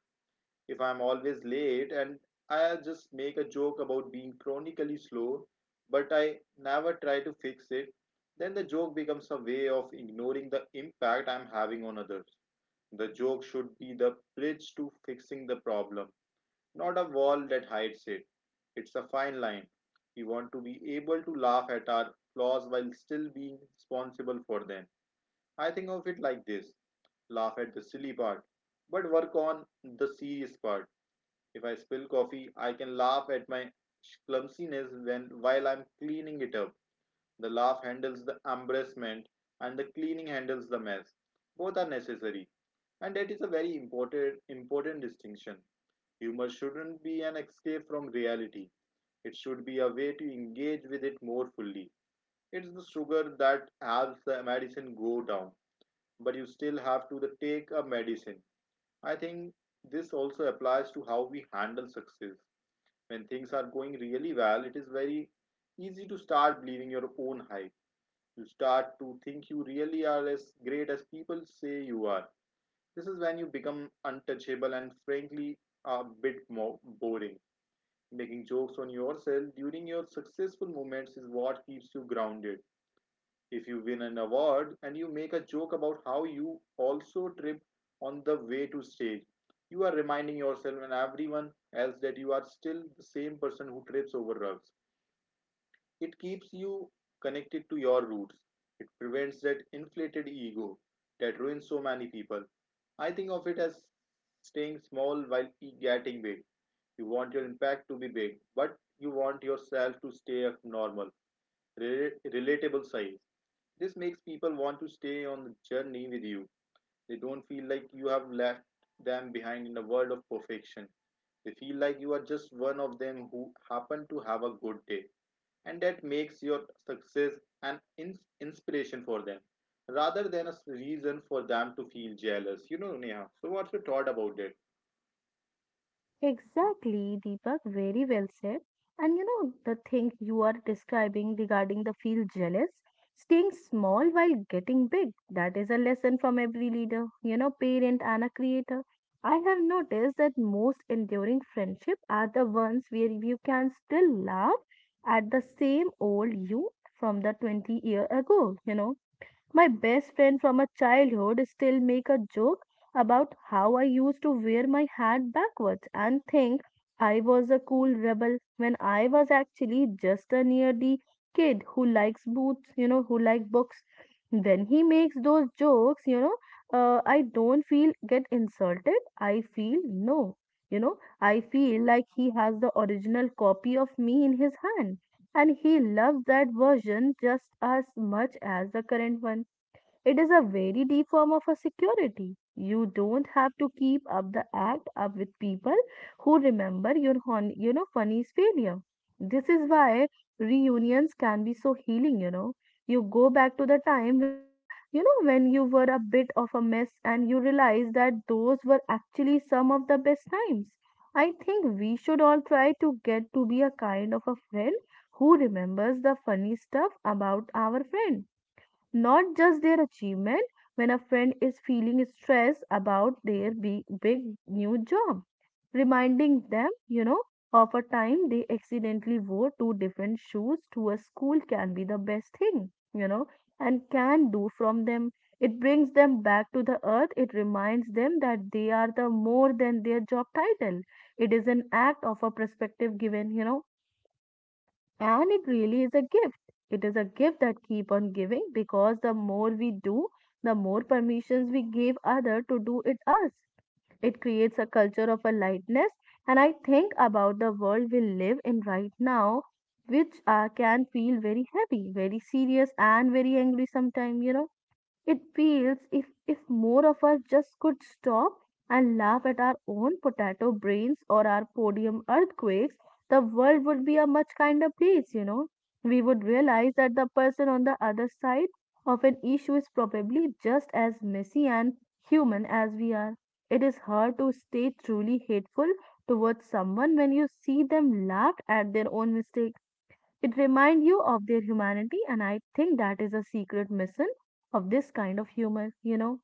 If I'm always late and I just make a joke about being chronically slow, but I never try to fix it, then the joke becomes a way of ignoring the impact I'm having on others. The joke should be the bridge to fixing the problem, not a wall that hides it. It's a fine line. We want to be able to laugh at our flaws while still being responsible for them. I think of it like this: laugh at the silly part, but work on the serious part. If I spill coffee, I can laugh at my clumsiness when while I'm cleaning it up. The laugh handles the embarrassment and the cleaning handles the mess. Both are necessary. And that is a very important important distinction. Humor shouldn't be an escape from reality. It should be a way to engage with it more fully. It's the sugar that helps the medicine go down, but you still have to take a medicine. I think this also applies to how we handle success. When things are going really well, it is very easy to start believing your own hype. You start to think you really are as great as people say you are. This is when you become untouchable and frankly a bit more boring. Making jokes on yourself during your successful moments is what keeps you grounded. If you win an award and you make a joke about how you also tripped on the way to stage, you are reminding yourself and everyone else that you are still the same person who trips over rugs. It keeps you connected to your roots. It prevents that inflated ego that ruins so many people. I think of it as staying small while e- getting big. You want your impact to be big, but you want yourself to stay at normal, rela- relatable size. This makes people want to stay on the journey with you. They don't feel like you have left them behind in a world of perfection. They feel like you are just one of them who happened to have a good day. And that makes your success an ins- inspiration for them rather than a s- reason for them to feel jealous. You know, Neha. So, what's your thought about it?
Exactly, Deepak, very well said. And you know, the thing you are describing regarding the feel jealous, staying small while getting big, that is a lesson from every leader, you know, parent and a creator. I have noticed that most enduring friendship are the ones where you can still laugh at the same old you from the twenty year ago, you know. My best friend from a childhood still make a joke about how I used to wear my hat backwards and think I was a cool rebel when I was actually just a nerdy kid who likes boots, you know, who like books. When he makes those jokes, you know, uh, I don't feel get insulted. I feel no, you know, I feel like he has the original copy of me in his hand, and he loves that version just as much as the current one. It is a very deep form of a security. You don't have to keep up the act up with people who remember your hon- you know funny's failure. This is why reunions can be so healing, you know. You go back to the time when you you know when you were a bit of a mess, and you realize that those were actually some of the best times. I think we should all try to get to be a kind of a friend who remembers the funny stuff about our friend, not just their achievement. When a friend is feeling stressed about their big, big new job, reminding them, you know, of a time they accidentally wore two different shoes to a school can be the best thing, you know, and can do from them. It brings them back to the earth. It reminds them that they are the more than their job title. It is an act of a perspective given, you know, and it really is a gift. It is a gift that keep on giving because the more we do, the more permissions we give other to do it us. It creates a culture of a lightness. And I think about the world we live in right now, which uh, can feel very heavy, very serious, and very angry sometimes, you know it feels if, if more of us just could stop and laugh at our own potato brains or our podium earthquakes, the world would be a much kinder place, you know. We would realize that the person on the other side of an issue is probably just as messy and human as we are. It is hard to stay truly hateful towards someone when you see them laugh at their own mistakes. It reminds you of their humanity, and I think that is a secret mission of this kind of humor. You know,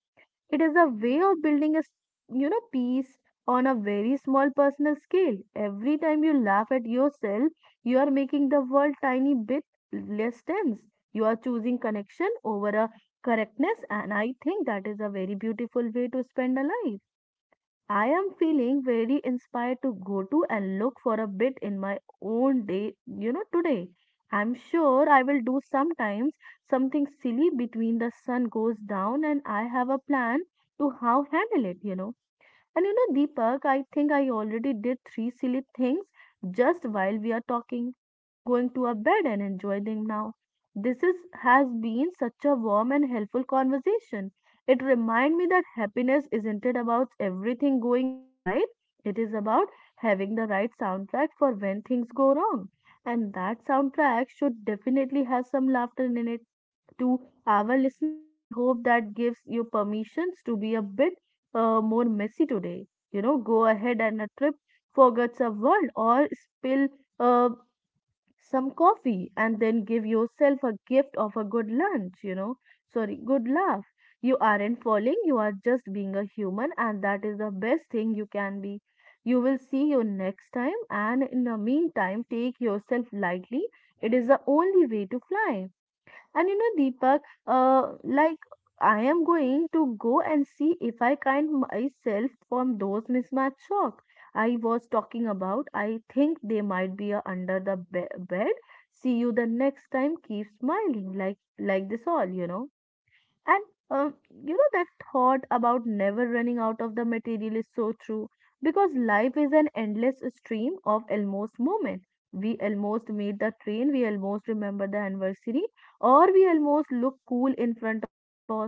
it is a way of building a, s- you know, peace on a very small personal scale. Every time you laugh at yourself, you are making the world tiny bit less tense. You are choosing connection over a correctness, and I think that is a very beautiful way to spend a life. I am feeling very inspired to go to and look for a bit in my own day, you know, today. I'm sure I will do sometimes something silly between the sun goes down and I have a plan to how handle it, you know. And you know, Deepak, I think I already did three silly things just while we are talking. I'm going to a bed and enjoy them now. This is has been such a warm and helpful conversation. It reminds me that happiness isn't it about everything going right. It is about having the right soundtrack for when things go wrong. And that soundtrack should definitely have some laughter in it to our listener. We hope that gives you permissions to be a bit uh, more messy today. You know, go ahead and a trip, forgets a word, or spill uh, some coffee, and then give yourself a gift of a good lunch. You know, sorry, good laugh. You aren't falling, you are just being a human, and that is the best thing you can be. You will see you next time, and in the meantime, take yourself lightly. It is the only way to fly. And you know, Deepak, uh, like I am going to go and see if I can myself from those mismatched socks I was talking about. I think they might be uh, under the be bed. See you the next time. Keep smiling like like this all, you know. And uh, you know that thought about never running out of the material is so true because life is an endless stream of almost moment. We almost meet the train, we almost remember the anniversary, or we almost look cool in front of our boss.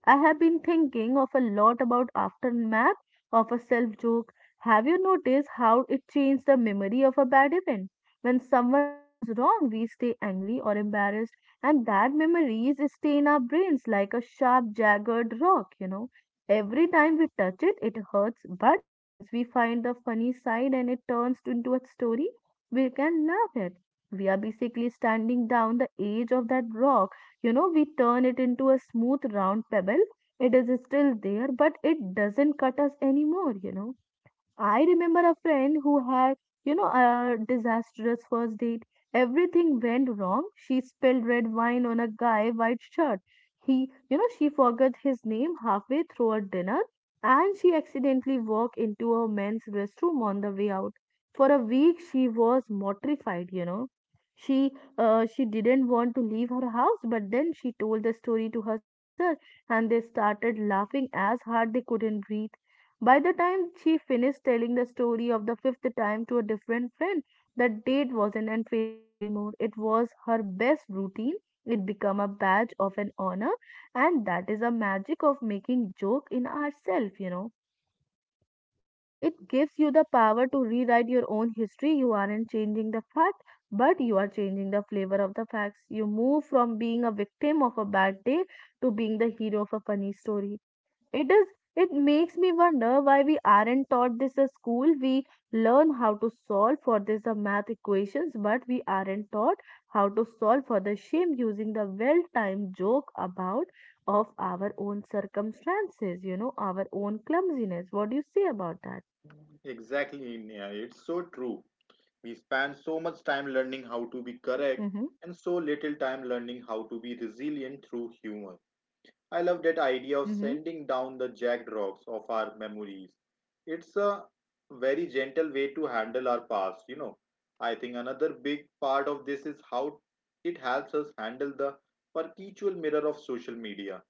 I have been thinking of a lot about aftermath of a self joke. Have you noticed how it changed the memory of a bad event? When someone goes wrong, we stay angry or embarrassed, and that memories stay in our brains like a sharp jagged rock, you know, every time we touch it it hurts. But once we find the funny side and it turns into a story we can laugh at, we are basically standing down the edge of that rock, you know, we turn it into a smooth round pebble. It is still there but it doesn't cut us anymore, you know. I remember a friend who had, you know, a disastrous first date. Everything went wrong. She spilled red wine on a guy white shirt. He, you know, she forgot his name halfway through a dinner, and she accidentally walked into a men's restroom on the way out. For a week she was mortified, you know. She uh, she didn't want to leave her house, but then she told the story to her sister and they started laughing as hard they couldn't breathe. By the time she finished telling the story of the fifth time to a different friend, that date wasn't an failure anymore. It was her best routine. It became a badge of an honor, and that is a magic of making joke in ourselves, you know. You it gives you the power to rewrite your own history. You aren't changing the fact, but you are changing the flavor of the facts. You move from being a victim of a bad day to being the hero of a funny story. It is it makes me wonder why we aren't taught this at school. We learn how to solve for this the math equations, but we aren't taught how to solve for the shame using the well-timed joke about of our own circumstances, you know, our own clumsiness. What do you say about that?
Exactly, Neha. It's so true. We spend so much time learning how to be correct
Mm-hmm,
and so little time learning how to be resilient through humor. I love that idea of
mm-hmm,
sending down the jagged rocks of our memories. It's a very gentle way to handle our past, you know. I think another big part of this is how it helps us handle the perpetual mirror of social media.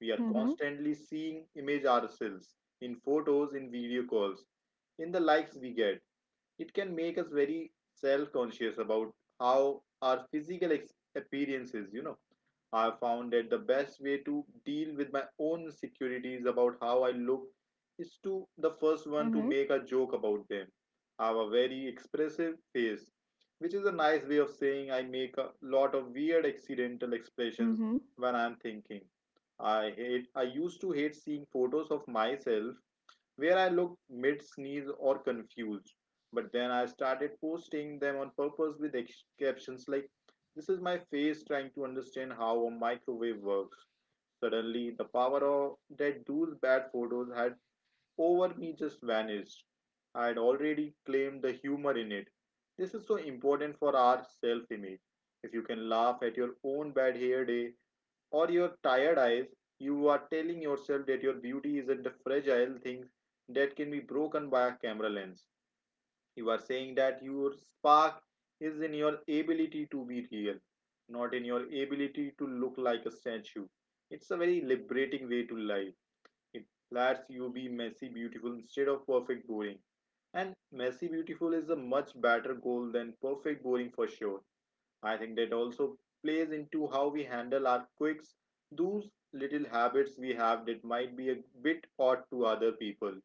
We are
mm-hmm,
constantly seeing image ourselves in photos, in video calls, in the likes we get. It can make us very self conscious about how our physical ex- appearance is, you know. I found that the best way to deal with my own insecurities about how I look is to the first one to
mm-hmm,
make a joke about them. I have a very expressive face, which is a nice way of saying I make a lot of weird accidental expressions
mm-hmm,
when I am thinking. I hate I used to hate seeing photos of myself where I looked mid sneeze or confused. But then I started posting them on purpose with captions like, "This is my face trying to understand how a microwave works." Suddenly, the power of that those bad photos had over me just vanished. I had already claimed the humor in it. This is so important for our self image. If you can laugh at your own bad hair day, or your tired eyes, you are telling yourself that your beauty isn't a fragile thing that can be broken by a camera lens. You are saying that your spark is in your ability to be real, not in your ability to look like a statue. It's a very liberating way to live. It lets you be messy beautiful instead of perfect boring. And messy beautiful is a much better goal than perfect boring for sure. I think that also plays into how we handle our quirks, those little habits we have that might be a bit odd to other people.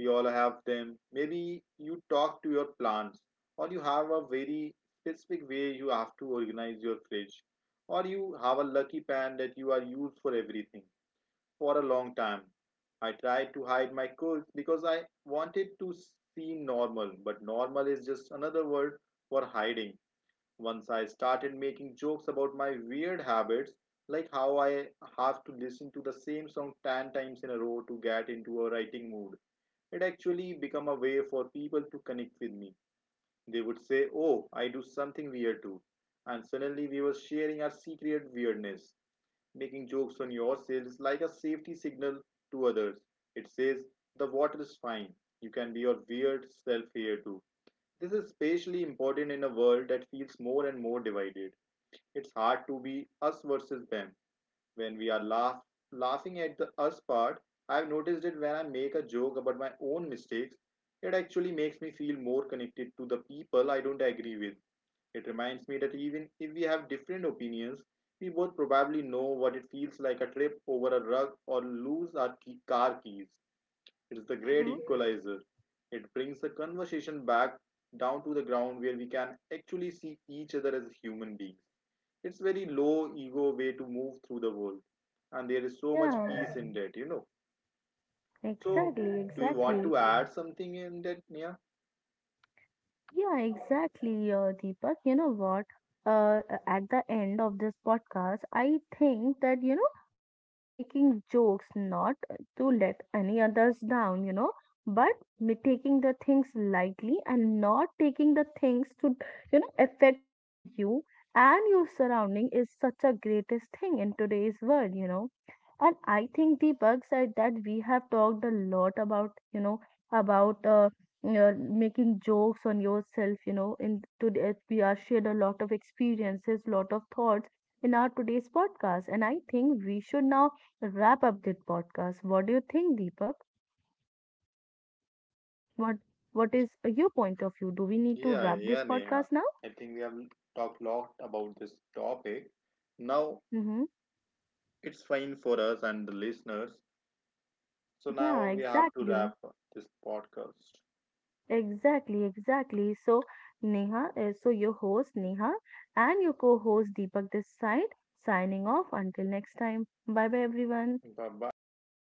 We all have them. Maybe you talk to your plants, or you have a very specific way you have to organize your fridge, or you have a lucky pan that you are used for everything for a long time. I tried to hide my quirks because I wanted to seem normal, but normal is just another word for hiding. Once I started making jokes about my weird habits, like how I have to listen to the same song ten times in a row to get into a writing mood, it actually became a way for people to connect with me. They would say, "Oh, I do something weird too." And suddenly we were sharing our secret weirdness. Making jokes on yourselves like a safety signal to others. It says, "The water is fine. You can be your weird self here too." This is especially important in a world that feels more and more divided. It's hard to be us versus them when we are laugh, laughing at the us part. I've noticed it when I make a joke about my own mistakes, it actually makes me feel more connected to the people I don't agree with. It reminds me that even if we have different opinions, we both probably know what it feels like a trip over a rug or lose our key, car keys. It's the great
mm-hmm.
equalizer. It brings the conversation back down to the ground where we can actually see each other as human beings. It's very low ego way to move through the world, and there is so much
Yeah,
peace in that, you know. So,
exactly,
do you want
exactly.
to add something in that, Neha?
Yeah, exactly, uh, Deepak. You know what? Uh, uh, at the end of this podcast, I think that, you know, uh, making jokes not to let any others down, you know, but me taking the things lightly and not taking the things to, you know, affect on you and your surrounding is such a greatest thing in today's world, you know. And I think Deepak said that we have talked a lot about, you know, about uh, you making jokes on yourself, you know, in today we are shared a lot of experiences lot of thoughts in our today's podcast, and I think we should now wrap up this podcast. What do you think, Deepak? what what is your point of view? Do we need to
yeah
wrap this
yeah Neha,
podcast now?
I think we have talked a lot about this topic now.
Mm-hmm.
It's fine for us and the listeners. So
Yeah,
now we have to
exactly,
wrap up this podcast.
exactly, exactly. So Neha uh, so your host Neha and your co-host Deepak this side, signing off until next time. Bye bye everyone.
Bye bye everyone.